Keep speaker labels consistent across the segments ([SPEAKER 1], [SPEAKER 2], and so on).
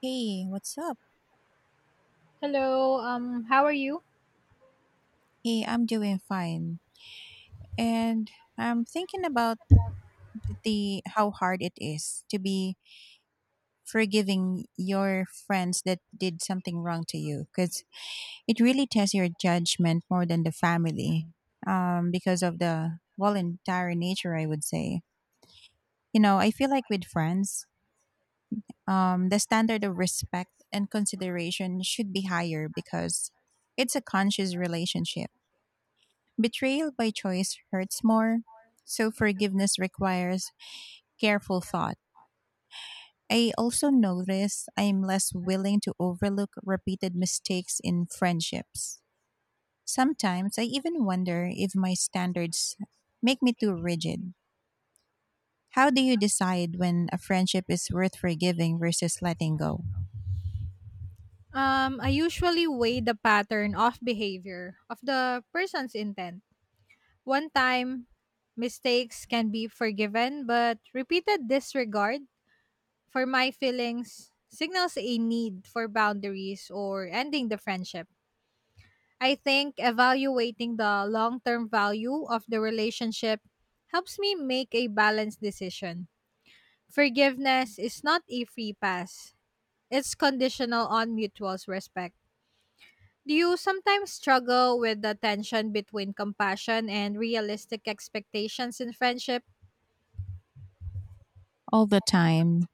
[SPEAKER 1] Hey, what's up?
[SPEAKER 2] Hello, how are you?
[SPEAKER 1] Hey, I'm doing fine. And I'm thinking about the how hard it is to be forgiving your friends that did something wrong to you because it really tests your judgment more than the family, because of the voluntary nature, I would say. You know, I feel like with friends, the standard of respect and consideration should be higher because it's a conscious relationship. Betrayal by choice hurts more, so forgiveness requires careful thought. I also notice I am less willing to overlook repeated mistakes in friendships. Sometimes I even wonder if my standards make me too rigid. How do you decide when a friendship is worth forgiving versus letting go?
[SPEAKER 2] I think evaluating the long term value of the relationship helps me make a balanced decision. Forgiveness is not a free pass, it's conditional on mutual respect. Do you sometimes struggle with the tension between compassion and realistic expectations in friendship?
[SPEAKER 1] All the time,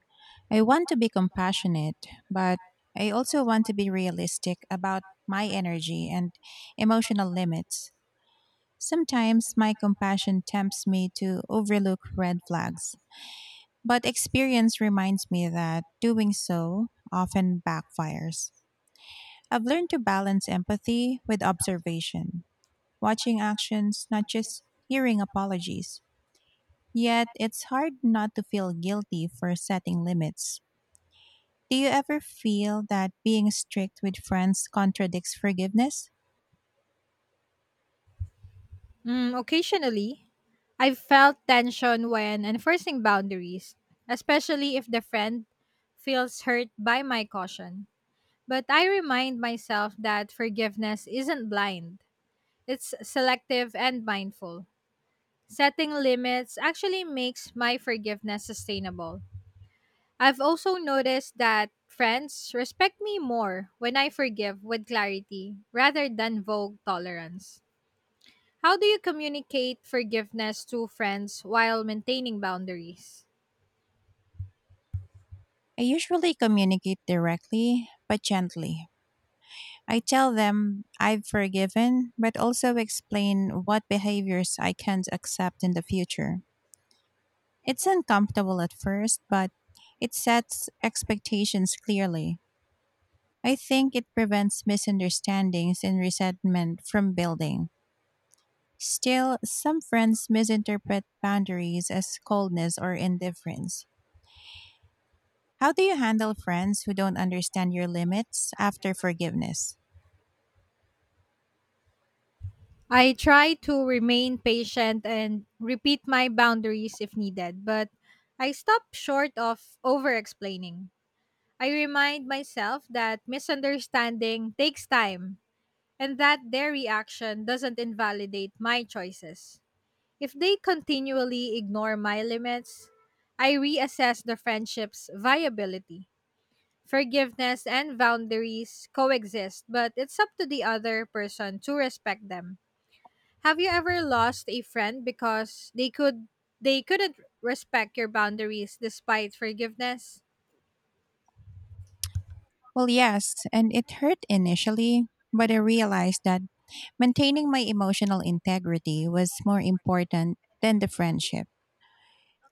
[SPEAKER 1] I want to be compassionate, but I also want to be realistic about my energy and emotional limits. Sometimes my compassion tempts me to overlook red flags, but experience reminds me that doing so often backfires. I've learned to balance empathy with observation, watching actions, not just hearing apologies. Yet it's hard not to feel guilty for setting limits. Do you ever feel that being strict with friends contradicts forgiveness?
[SPEAKER 2] Mm, occasionally, I've felt tension when enforcing boundaries, especially if the friend feels hurt by my caution. But I remind myself that forgiveness isn't blind, it's selective and mindful. Setting limits actually makes my forgiveness sustainable. I've also noticed that friends respect me more when I forgive with clarity rather than vague tolerance. How do you communicate forgiveness to friends while maintaining boundaries?
[SPEAKER 1] I usually communicate directly, but gently. I tell them I've forgiven, but also explain what behaviors I can't accept in the future. It's uncomfortable at first, but it sets expectations clearly. I think it prevents misunderstandings and resentment from building. Still, some friends misinterpret boundaries as coldness or indifference. How do you handle friends who don't understand your limits after forgiveness?
[SPEAKER 2] I try to remain patient and repeat my boundaries if needed, but I stop short of over explaining. I remind myself that misunderstanding takes time and that their reaction doesn't invalidate my choices. If they continually ignore my limits, I reassess the friendship's viability. Forgiveness and boundaries coexist, but it's up to the other person to respect them. Have you ever lost a friend because they couldn't respect your boundaries despite forgiveness?
[SPEAKER 1] Well, yes, and it hurt initially, but I realized that maintaining my emotional integrity was more important than the friendship.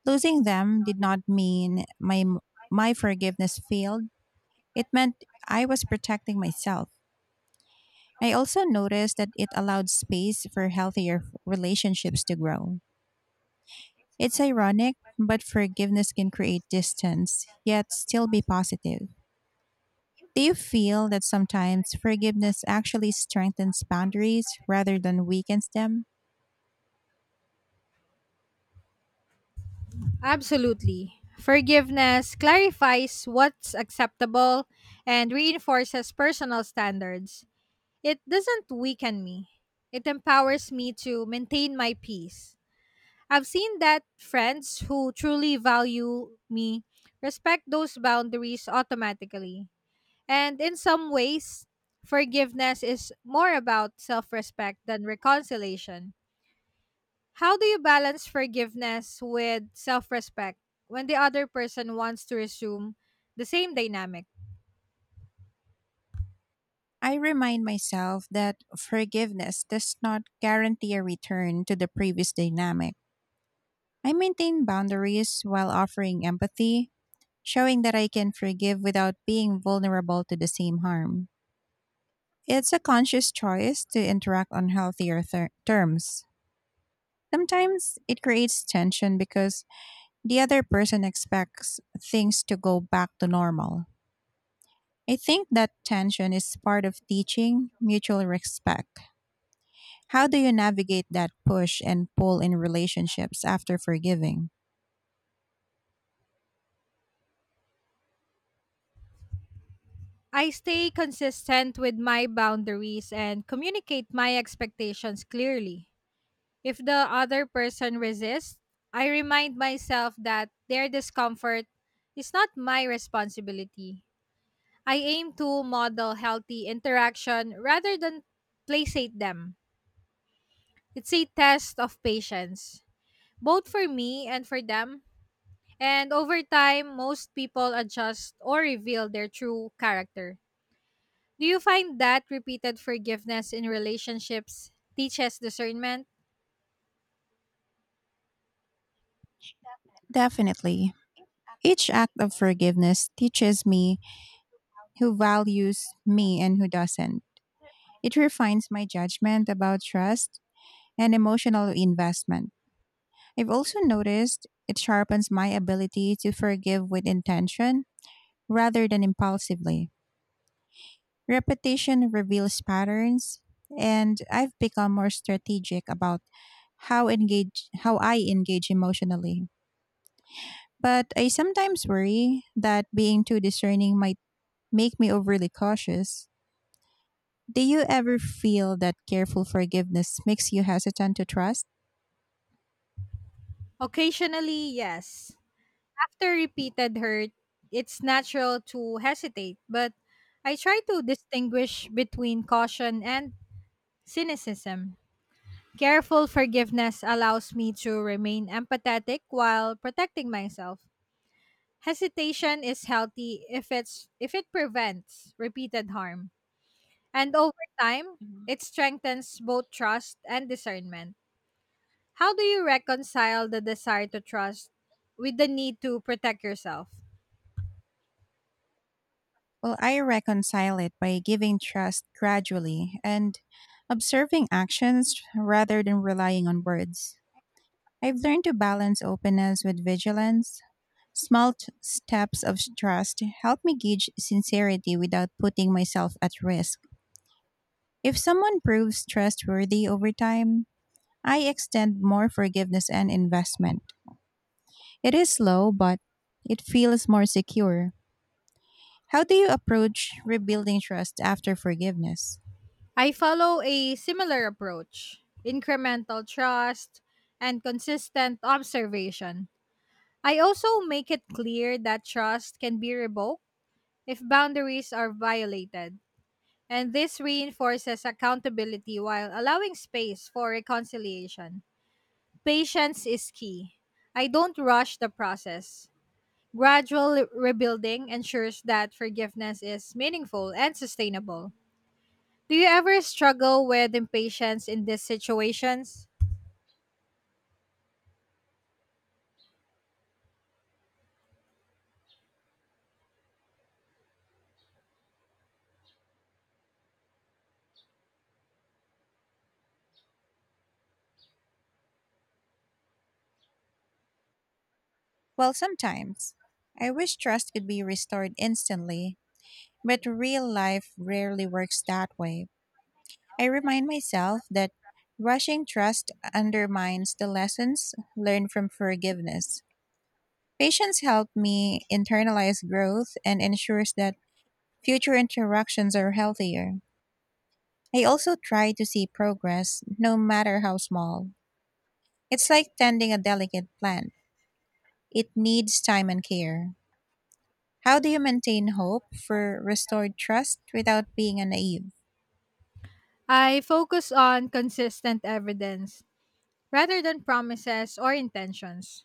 [SPEAKER 1] Losing them did not mean my forgiveness failed. It meant I was protecting myself. I also noticed that it allowed space for healthier relationships to grow. It's ironic, but forgiveness can create distance, yet still be positive. Do you feel that sometimes forgiveness actually strengthens boundaries rather than weakens them?
[SPEAKER 2] Absolutely. Forgiveness clarifies what's acceptable and reinforces personal standards. It doesn't weaken me. It empowers me to maintain my peace. I've seen that friends who truly value me respect those boundaries automatically. And in some ways, forgiveness is more about self respect than reconciliation. How do you balance forgiveness with self respect when the other person wants to resume the same dynamic?
[SPEAKER 1] I remind myself that forgiveness does not guarantee a return to the previous dynamic. I maintain boundaries while offering empathy, showing that I can forgive without being vulnerable to the same harm. It's a conscious choice to interact on healthier terms. Sometimes it creates tension because the other person expects things to go back to normal. I think that tension is part of teaching mutual respect. How do you navigate that push and pull in relationships after forgiving?
[SPEAKER 2] I stay consistent with my boundaries and communicate my expectations clearly. If the other person resists, I remind myself that their discomfort is not my responsibility. I aim to model healthy interaction rather than placate them. It's a test of patience, both for me and for them. And over time, most people adjust or reveal their true character. Do you find that repeated forgiveness in relationships teaches discernment?
[SPEAKER 1] Definitely. Each act of forgiveness teaches me who values me and who doesn't. It refines my judgment about trust and emotional investment. I've also noticed it sharpens my ability to forgive with intention rather than impulsively. Repetition reveals patterns, and I've become more strategic about how I engage emotionally. But I sometimes worry that being too discerning might make me overly cautious. Do you ever feel that careful forgiveness makes you hesitant to trust?
[SPEAKER 2] Occasionally, yes. After repeated hurt, it's natural to hesitate, but I try to distinguish between caution and cynicism. Careful forgiveness allows me to remain empathetic while protecting myself. Hesitation is healthy if it prevents repeated harm. And over time, it strengthens both trust and discernment. How do you reconcile the desire to trust with the need to protect yourself?
[SPEAKER 1] Well, I reconcile it by giving trust gradually and observing actions rather than relying on words. I've learned to balance openness with vigilance. Small steps of trust help me gauge sincerity without putting myself at risk. If someone proves trustworthy over time, I extend more forgiveness and investment. It is slow, but it feels more secure. How do you approach rebuilding trust after forgiveness?
[SPEAKER 2] I follow a similar approach, incremental trust and consistent observation. I also make it clear that trust can be revoked if boundaries are violated. And this reinforces accountability while allowing space for reconciliation. Patience is key. I don't rush the process. Gradual rebuilding ensures that forgiveness is meaningful and sustainable. Do you ever struggle with impatience in these situations?
[SPEAKER 1] Well, sometimes I wish trust could be restored instantly, but real life rarely works that way. I remind myself that rushing trust undermines the lessons learned from forgiveness. Patience helped me internalize growth and ensures that future interactions are healthier. I also try to see progress, no matter how small. It's like tending a delicate plant. It needs time and care. How do you maintain hope for restored trust without being naive?
[SPEAKER 2] I focus on consistent evidence rather than promises or intentions.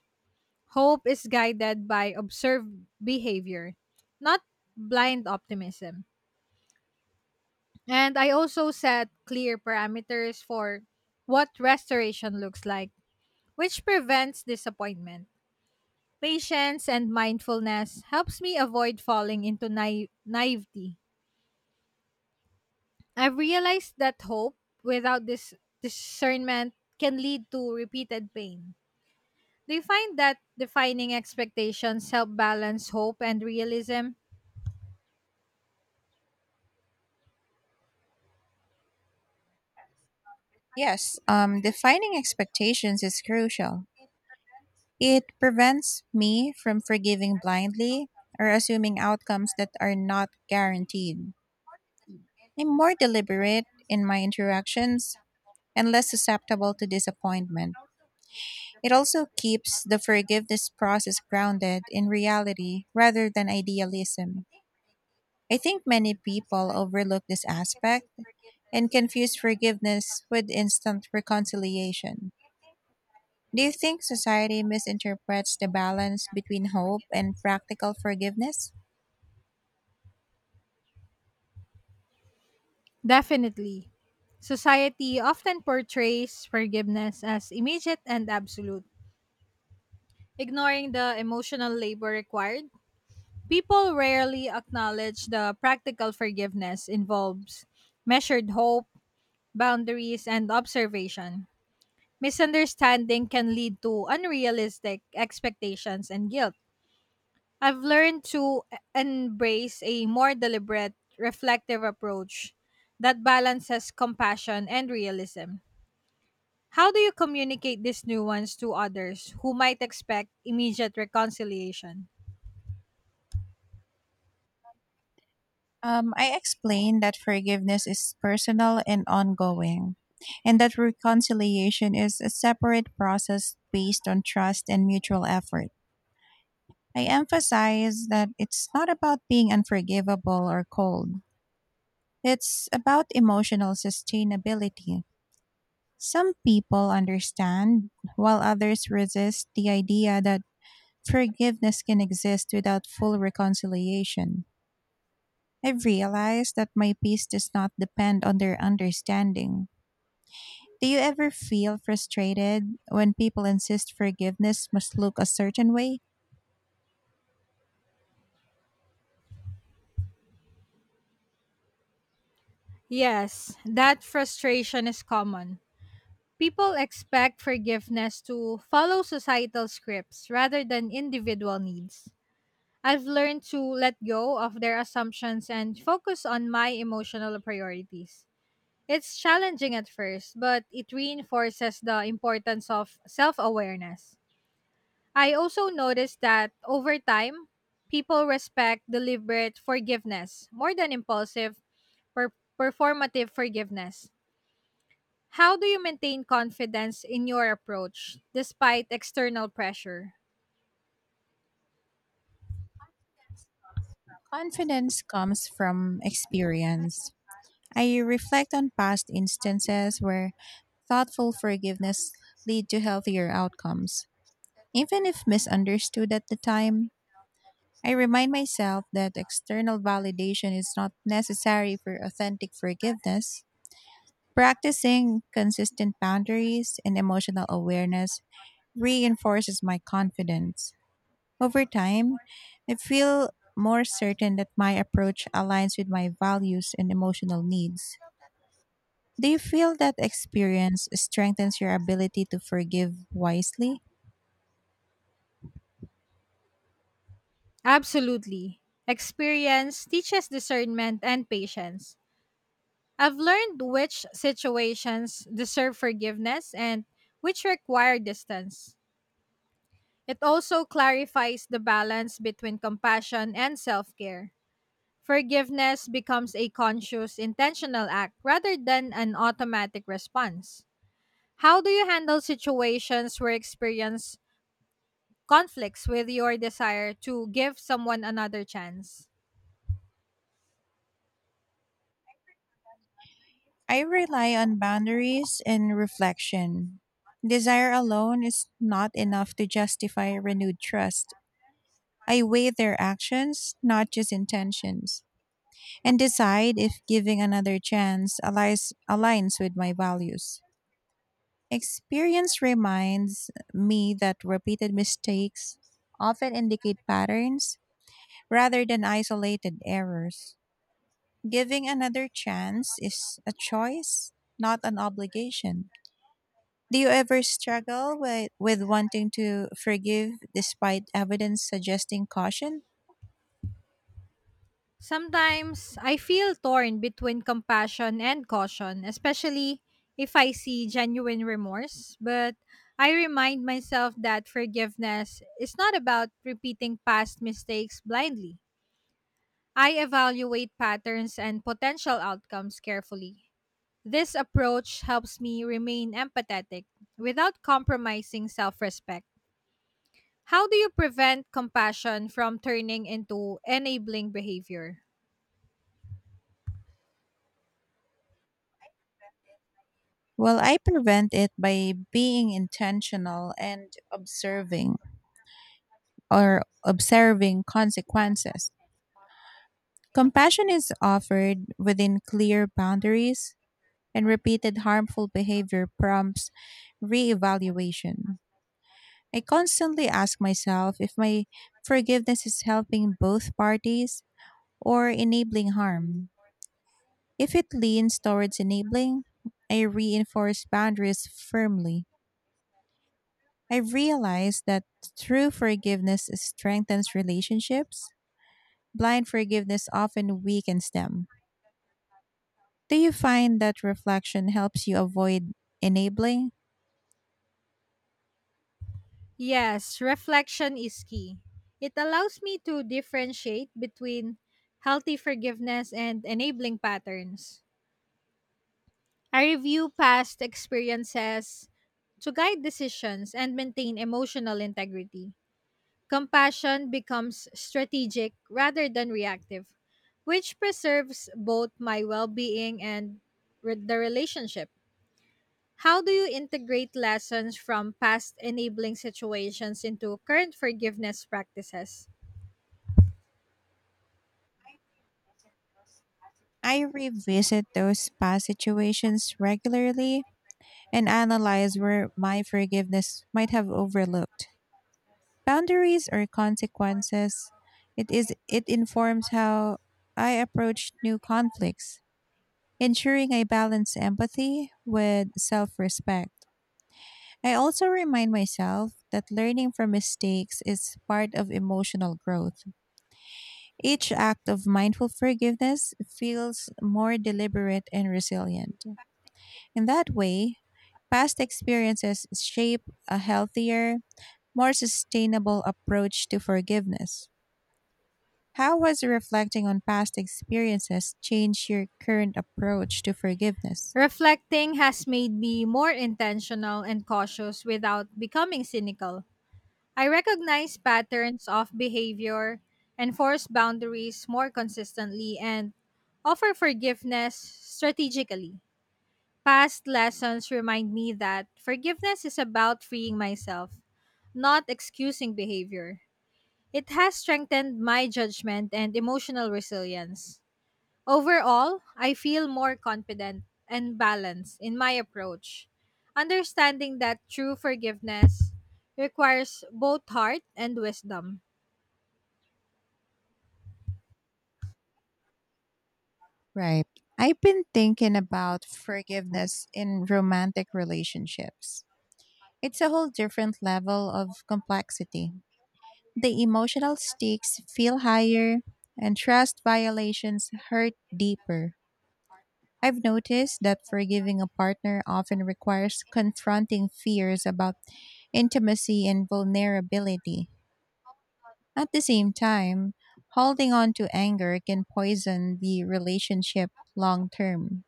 [SPEAKER 2] Hope is guided by observed behavior, not blind optimism. And I also set clear parameters for what restoration looks like, which prevents disappointment. Patience and mindfulness helps me avoid falling into naivety. I've realized that hope without this discernment can lead to repeated pain. Do you find that defining expectations help balance hope and realism?
[SPEAKER 1] Yes, defining expectations is crucial. It prevents me from forgiving blindly or assuming outcomes that are not guaranteed. I'm more deliberate in my interactions and less susceptible to disappointment. It also keeps the forgiveness process grounded in reality rather than idealism. I think many people overlook this aspect and confuse forgiveness with instant reconciliation. Do you think society misinterprets the balance between hope and practical forgiveness?
[SPEAKER 2] I've learned to embrace a more deliberate, reflective approach that balances compassion and realism. How do you communicate this nuance to others who might expect immediate reconciliation?
[SPEAKER 1] I explained that forgiveness is personal and ongoing, and that reconciliation is a separate process based on trust and mutual effort. I emphasize that it's not about being unforgivable or cold. It's about emotional sustainability. Some people understand, while others resist the idea that forgiveness can exist without full reconciliation. I've realized that my peace does not depend on their understanding. Do you ever feel frustrated when people insist forgiveness must look a certain way?
[SPEAKER 2] Yes, that frustration is common. People expect forgiveness to follow societal scripts rather than individual needs. I've learned to let go of their assumptions and focus on my emotional priorities. It's challenging at first, but it reinforces the importance of self awareness. I also noticed that over time, people respect deliberate forgiveness more than impulsive, performative forgiveness. How do you maintain confidence in your approach despite external pressure?
[SPEAKER 1] Confidence comes from experience. I reflect on past instances where thoughtful forgiveness lead to healthier outcomes. Even if misunderstood at the time, I remind myself that external validation is not necessary for authentic forgiveness. Practicing consistent boundaries and emotional awareness reinforces my confidence. Over time, I feel more certain that my approach aligns with my values and emotional needs. Do you feel that experience strengthens your ability to forgive wisely?
[SPEAKER 2] Absolutely. Experience teaches discernment and patience. I've learned which situations deserve forgiveness and which require distance. It also clarifies the balance between compassion and self care. Forgiveness becomes a conscious, intentional act rather than an automatic response. How do you handle situations where experience conflicts with your desire to give someone another chance?
[SPEAKER 1] I rely on boundaries and reflection. Desire alone is not enough to justify renewed trust. I weigh their actions, not just intentions, and decide if giving another chance aligns with my values. Experience reminds me that repeated mistakes often indicate patterns rather than isolated errors. Giving another chance is a choice, not an obligation. Do you ever struggle with wanting to forgive despite evidence suggesting caution?
[SPEAKER 2] Sometimes I feel torn between compassion and caution, especially if I see genuine remorse. But I remind myself that forgiveness is not about repeating past mistakes blindly. I evaluate patterns and potential outcomes carefully. This approach helps me remain empathetic without compromising self respect. How do you prevent compassion from turning into enabling behavior?
[SPEAKER 1] Well, I prevent it by being intentional and observing consequences. Compassion is offered within clear boundaries, and repeated harmful behavior prompts reevaluation. I constantly ask myself if my forgiveness is helping both parties or enabling harm. If it leans towards enabling, I reinforce boundaries firmly. I've realized that true forgiveness strengthens relationships. Blind forgiveness often weakens them. Do you find that reflection helps you avoid enabling?
[SPEAKER 2] Yes, reflection is key. It allows me to differentiate between healthy forgiveness and enabling patterns. I review past experiences to guide decisions and maintain emotional integrity. Compassion becomes strategic rather than reactive, which preserves both my well being and the relationship. How do you integrate lessons from past enabling situations into current forgiveness practices?
[SPEAKER 1] I revisit those past situations regularly and analyze where my forgiveness might have overlooked. Boundaries or consequences, it informs how I approach new conflicts, ensuring I balance empathy with self-respect. I also remind myself that learning from mistakes is part of emotional growth. Each act of mindful forgiveness feels more deliberate and resilient. In that way, past experiences shape a healthier, more sustainable approach to forgiveness. How has reflecting on past experiences changed your current approach to forgiveness?
[SPEAKER 2] Reflecting has made me more intentional and cautious without becoming cynical. I recognize patterns of behavior, enforce boundaries more consistently, and offer forgiveness strategically. Past lessons remind me that forgiveness is about freeing myself, not excusing behavior. It has strengthened my judgment and emotional resilience. Overall, I feel more confident and balanced in my approach, understanding that true forgiveness requires both heart and wisdom.
[SPEAKER 1] Right. I've been thinking about forgiveness in romantic relationships. It's a whole different level of complexity. The emotional stakes feel higher, and trust violations hurt deeper. I've noticed that forgiving a partner often requires confronting fears about intimacy and vulnerability. At the same time, holding on to anger can poison the relationship long term.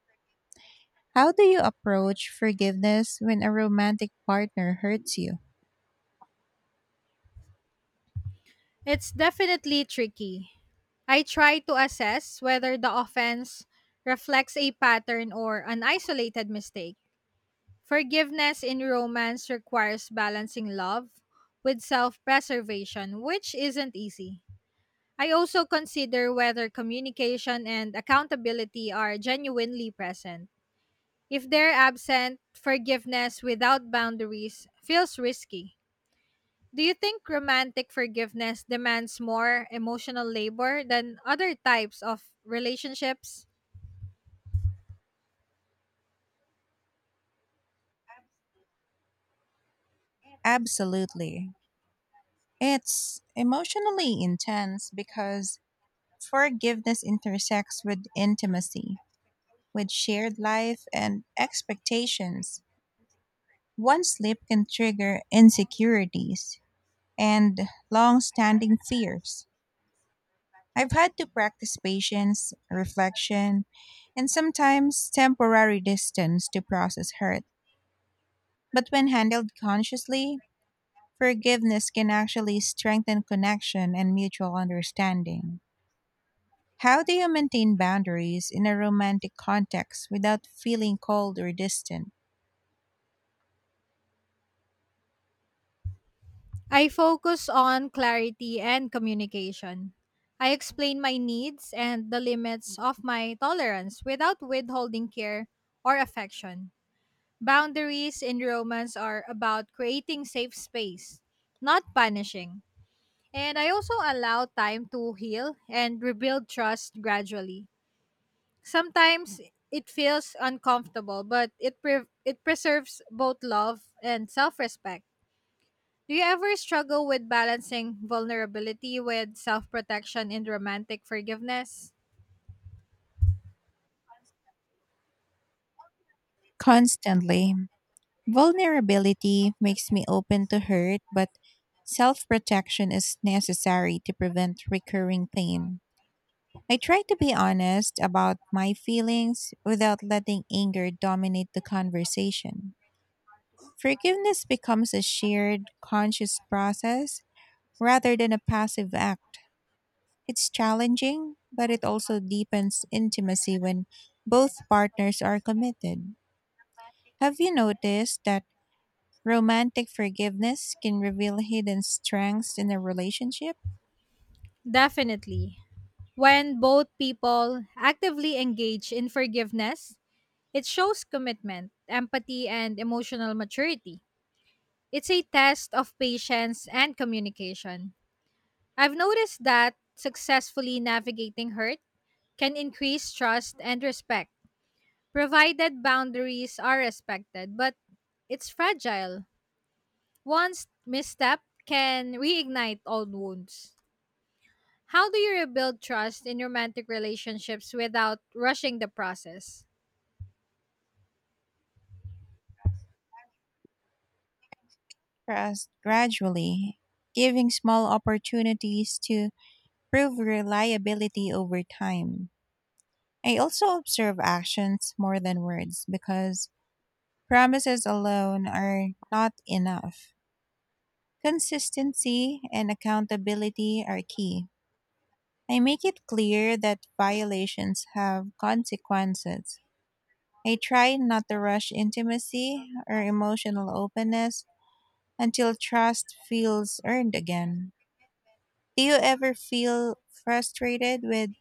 [SPEAKER 1] How do you approach forgiveness when a romantic partner hurts you?
[SPEAKER 2] It's definitely tricky. I try to assess whether the offense reflects a pattern or an isolated mistake. Forgiveness in romance requires balancing love with self preservation, which isn't easy. I also consider whether communication and accountability are genuinely present. If they're absent, forgiveness without boundaries feels risky. Do you think romantic forgiveness demands more emotional labor than other types of relationships?
[SPEAKER 1] Absolutely. It's emotionally intense because forgiveness intersects with intimacy, with shared life and expectations. One slip can trigger insecurities and long standing fears. I've had to practice patience, reflection, and sometimes temporary distance to process hurt. But when handled consciously, forgiveness can actually strengthen connection and mutual understanding. How do you maintain boundaries in a romantic context without feeling cold or distant?
[SPEAKER 2] I focus on clarity and communication. I explain my needs and the limits of my tolerance without withholding care or affection. Boundaries in romance are about creating safe space, not punishing. And I also allow time to heal and rebuild trust gradually. Sometimes it feels uncomfortable, but it preserves both love and self-respect. Do you ever struggle with balancing vulnerability with self-protection in romantic forgiveness?
[SPEAKER 1] Constantly. Vulnerability makes me open to hurt, but self protection is necessary to prevent recurring pain. I try to be honest about my feelings without letting anger dominate the conversation. Forgiveness becomes a shared, conscious process rather than a passive act. It's challenging, but it also deepens intimacy when both partners are committed. Have you noticed that romantic forgiveness can reveal hidden strengths in a relationship?
[SPEAKER 2] Definitely. When both people actively engage in forgiveness, it shows commitment, empathy, and emotional maturity. It's a test of patience and communication. I've noticed that successfully navigating hurt can increase trust and respect, provided boundaries are respected, but it's fragile. One misstep can reignite old wounds. How do you rebuild trust in romantic relationships without rushing the process?
[SPEAKER 1] Gradually, giving small opportunities to prove reliability over time. I also observe actions more than words because promises alone are not enough. Consistency and accountability are key. I make it clear that violations have consequences. I try not to rush intimacy or emotional openness until trust feels earned again. Do you ever feel frustrated with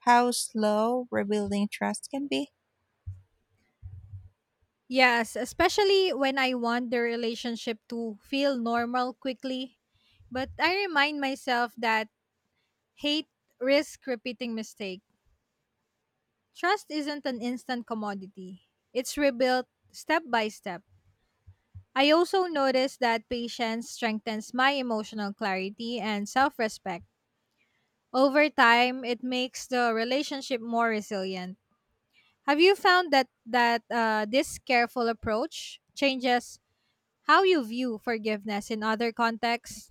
[SPEAKER 1] how slow rebuilding trust can be?
[SPEAKER 2] Yes, especially when I want the relationship to feel normal quickly. But I remind myself that hate risk repeating mistake. Trust isn't an instant commodity. It's rebuilt step by step. I also notice that patience strengthens my emotional clarity and self-respect. Over time, it makes the relationship more resilient. Have you found that this careful approach changes how you view forgiveness in other contexts?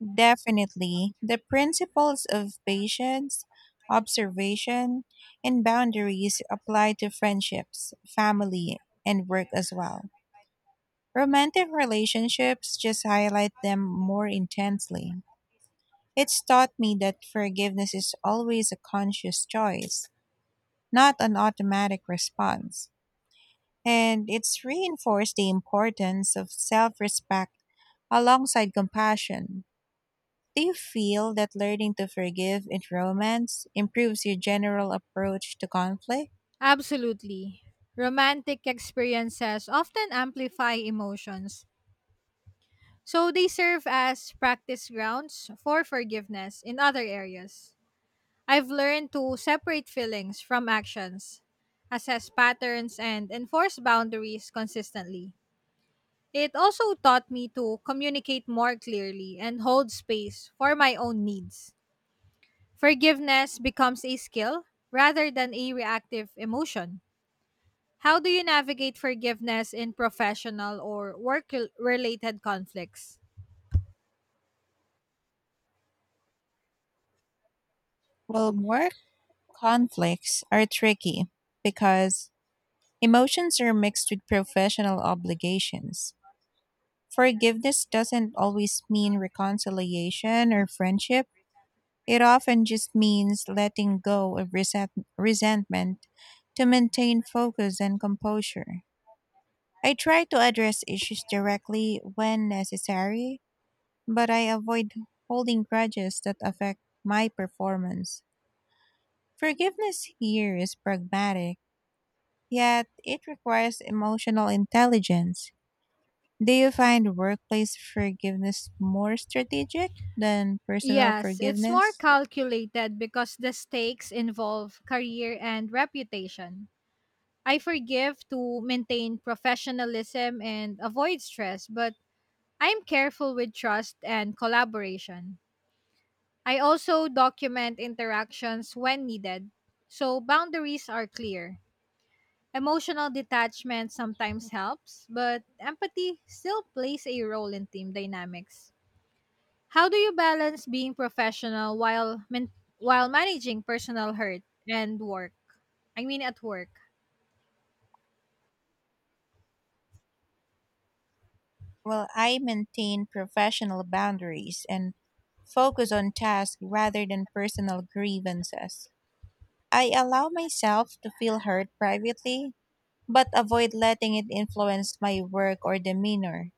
[SPEAKER 1] Definitely. The principles of patience, observation, and boundaries apply to friendships, family, and work as well. Romantic relationships just highlight them more intensely. It's taught me that forgiveness is always a conscious choice, not an automatic response. And it's reinforced the importance of self respect alongside compassion. Do you feel that learning to forgive in romance improves your general approach to conflict?
[SPEAKER 2] Absolutely. Romantic experiences often amplify emotions, so they serve as practice grounds for forgiveness in other areas. I've learned to separate feelings from actions, assess patterns, and enforce boundaries consistently. It also taught me to communicate more clearly and hold space for my own needs. Forgiveness becomes a skill rather than a reactive emotion. How do you navigate forgiveness in professional or work related conflicts?
[SPEAKER 1] Well, more conflicts are tricky because emotions are mixed with professional obligations. Forgiveness doesn't always mean reconciliation or friendship. It often just means letting go of resentment to maintain focus and composure. I try to address issues directly when necessary, but I avoid holding grudges that affect my performance. Forgiveness here is pragmatic, yet it requires emotional intelligence. Do you find workplace forgiveness more strategic than personal
[SPEAKER 2] Yes, it's more
[SPEAKER 1] forgiveness?
[SPEAKER 2] calculated because the stakes involve career and reputation. I forgive to maintain professionalism and avoid stress, but I'm careful with trust and collaboration. I also document interactions when needed, so boundaries are clear. Emotional detachment sometimes helps, but empathy still plays a role in team dynamics. How do you balance being professional while while managing personal hurt and work? I mean at work.
[SPEAKER 1] Well, I maintain professional boundaries and focus on tasks rather than personal grievances. I allow myself to feel hurt privately, but avoid letting it influence my work or demeanor.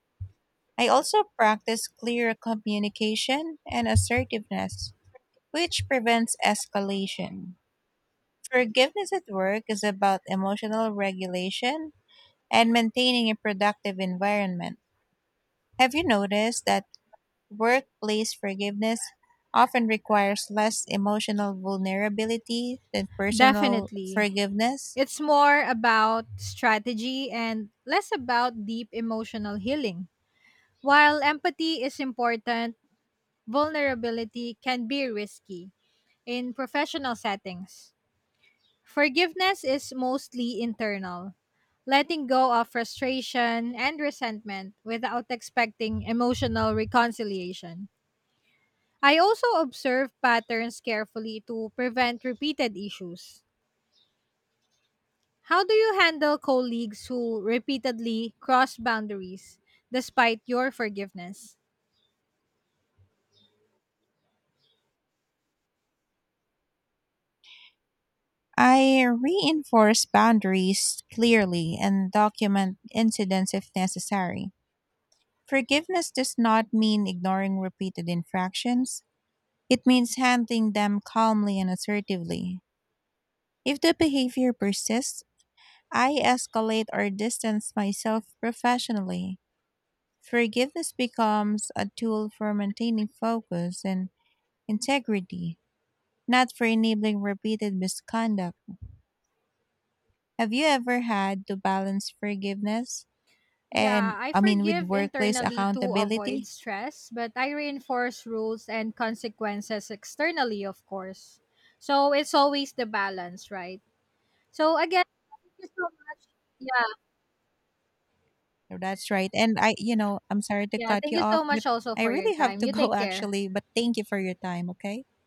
[SPEAKER 1] I also practice clear communication and assertiveness, which prevents escalation. Forgiveness at work is about emotional regulation and maintaining a productive environment. Have you noticed that workplace forgiveness often requires less emotional vulnerability than personal
[SPEAKER 2] Definitely.
[SPEAKER 1] forgiveness?
[SPEAKER 2] It's more about strategy and less about deep emotional healing. While empathy is important, vulnerability can be risky in professional settings. Forgiveness is mostly internal, letting go of frustration and resentment without expecting emotional reconciliation. I also observe patterns carefully to prevent repeated issues. How do you handle colleagues who repeatedly cross boundaries despite your forgiveness?
[SPEAKER 1] I reinforce boundaries clearly and document incidents if necessary. Forgiveness does not mean ignoring repeated infractions. It means handling them calmly and assertively. If the behavior persists, I escalate or distance myself professionally. Forgiveness becomes a tool for maintaining focus and integrity, not for enabling repeated misconduct. Have you ever had to balance forgiveness
[SPEAKER 2] Yeah,
[SPEAKER 1] and
[SPEAKER 2] I
[SPEAKER 1] I mean with
[SPEAKER 2] forgive
[SPEAKER 1] workplace
[SPEAKER 2] internally to avoid
[SPEAKER 1] accountability?
[SPEAKER 2] stress, but I reinforce rules and consequences externally, of course. So it's always the balance, right? So again, thank you so much. Yeah,
[SPEAKER 1] That's right. And I, you know, I'm sorry to
[SPEAKER 2] yeah.
[SPEAKER 1] cut
[SPEAKER 2] Thank
[SPEAKER 1] you
[SPEAKER 2] you
[SPEAKER 1] off,
[SPEAKER 2] so
[SPEAKER 1] but
[SPEAKER 2] much also
[SPEAKER 1] I
[SPEAKER 2] for your
[SPEAKER 1] really have
[SPEAKER 2] time.
[SPEAKER 1] to
[SPEAKER 2] You
[SPEAKER 1] go
[SPEAKER 2] take care.
[SPEAKER 1] actually, but thank you for your time, okay?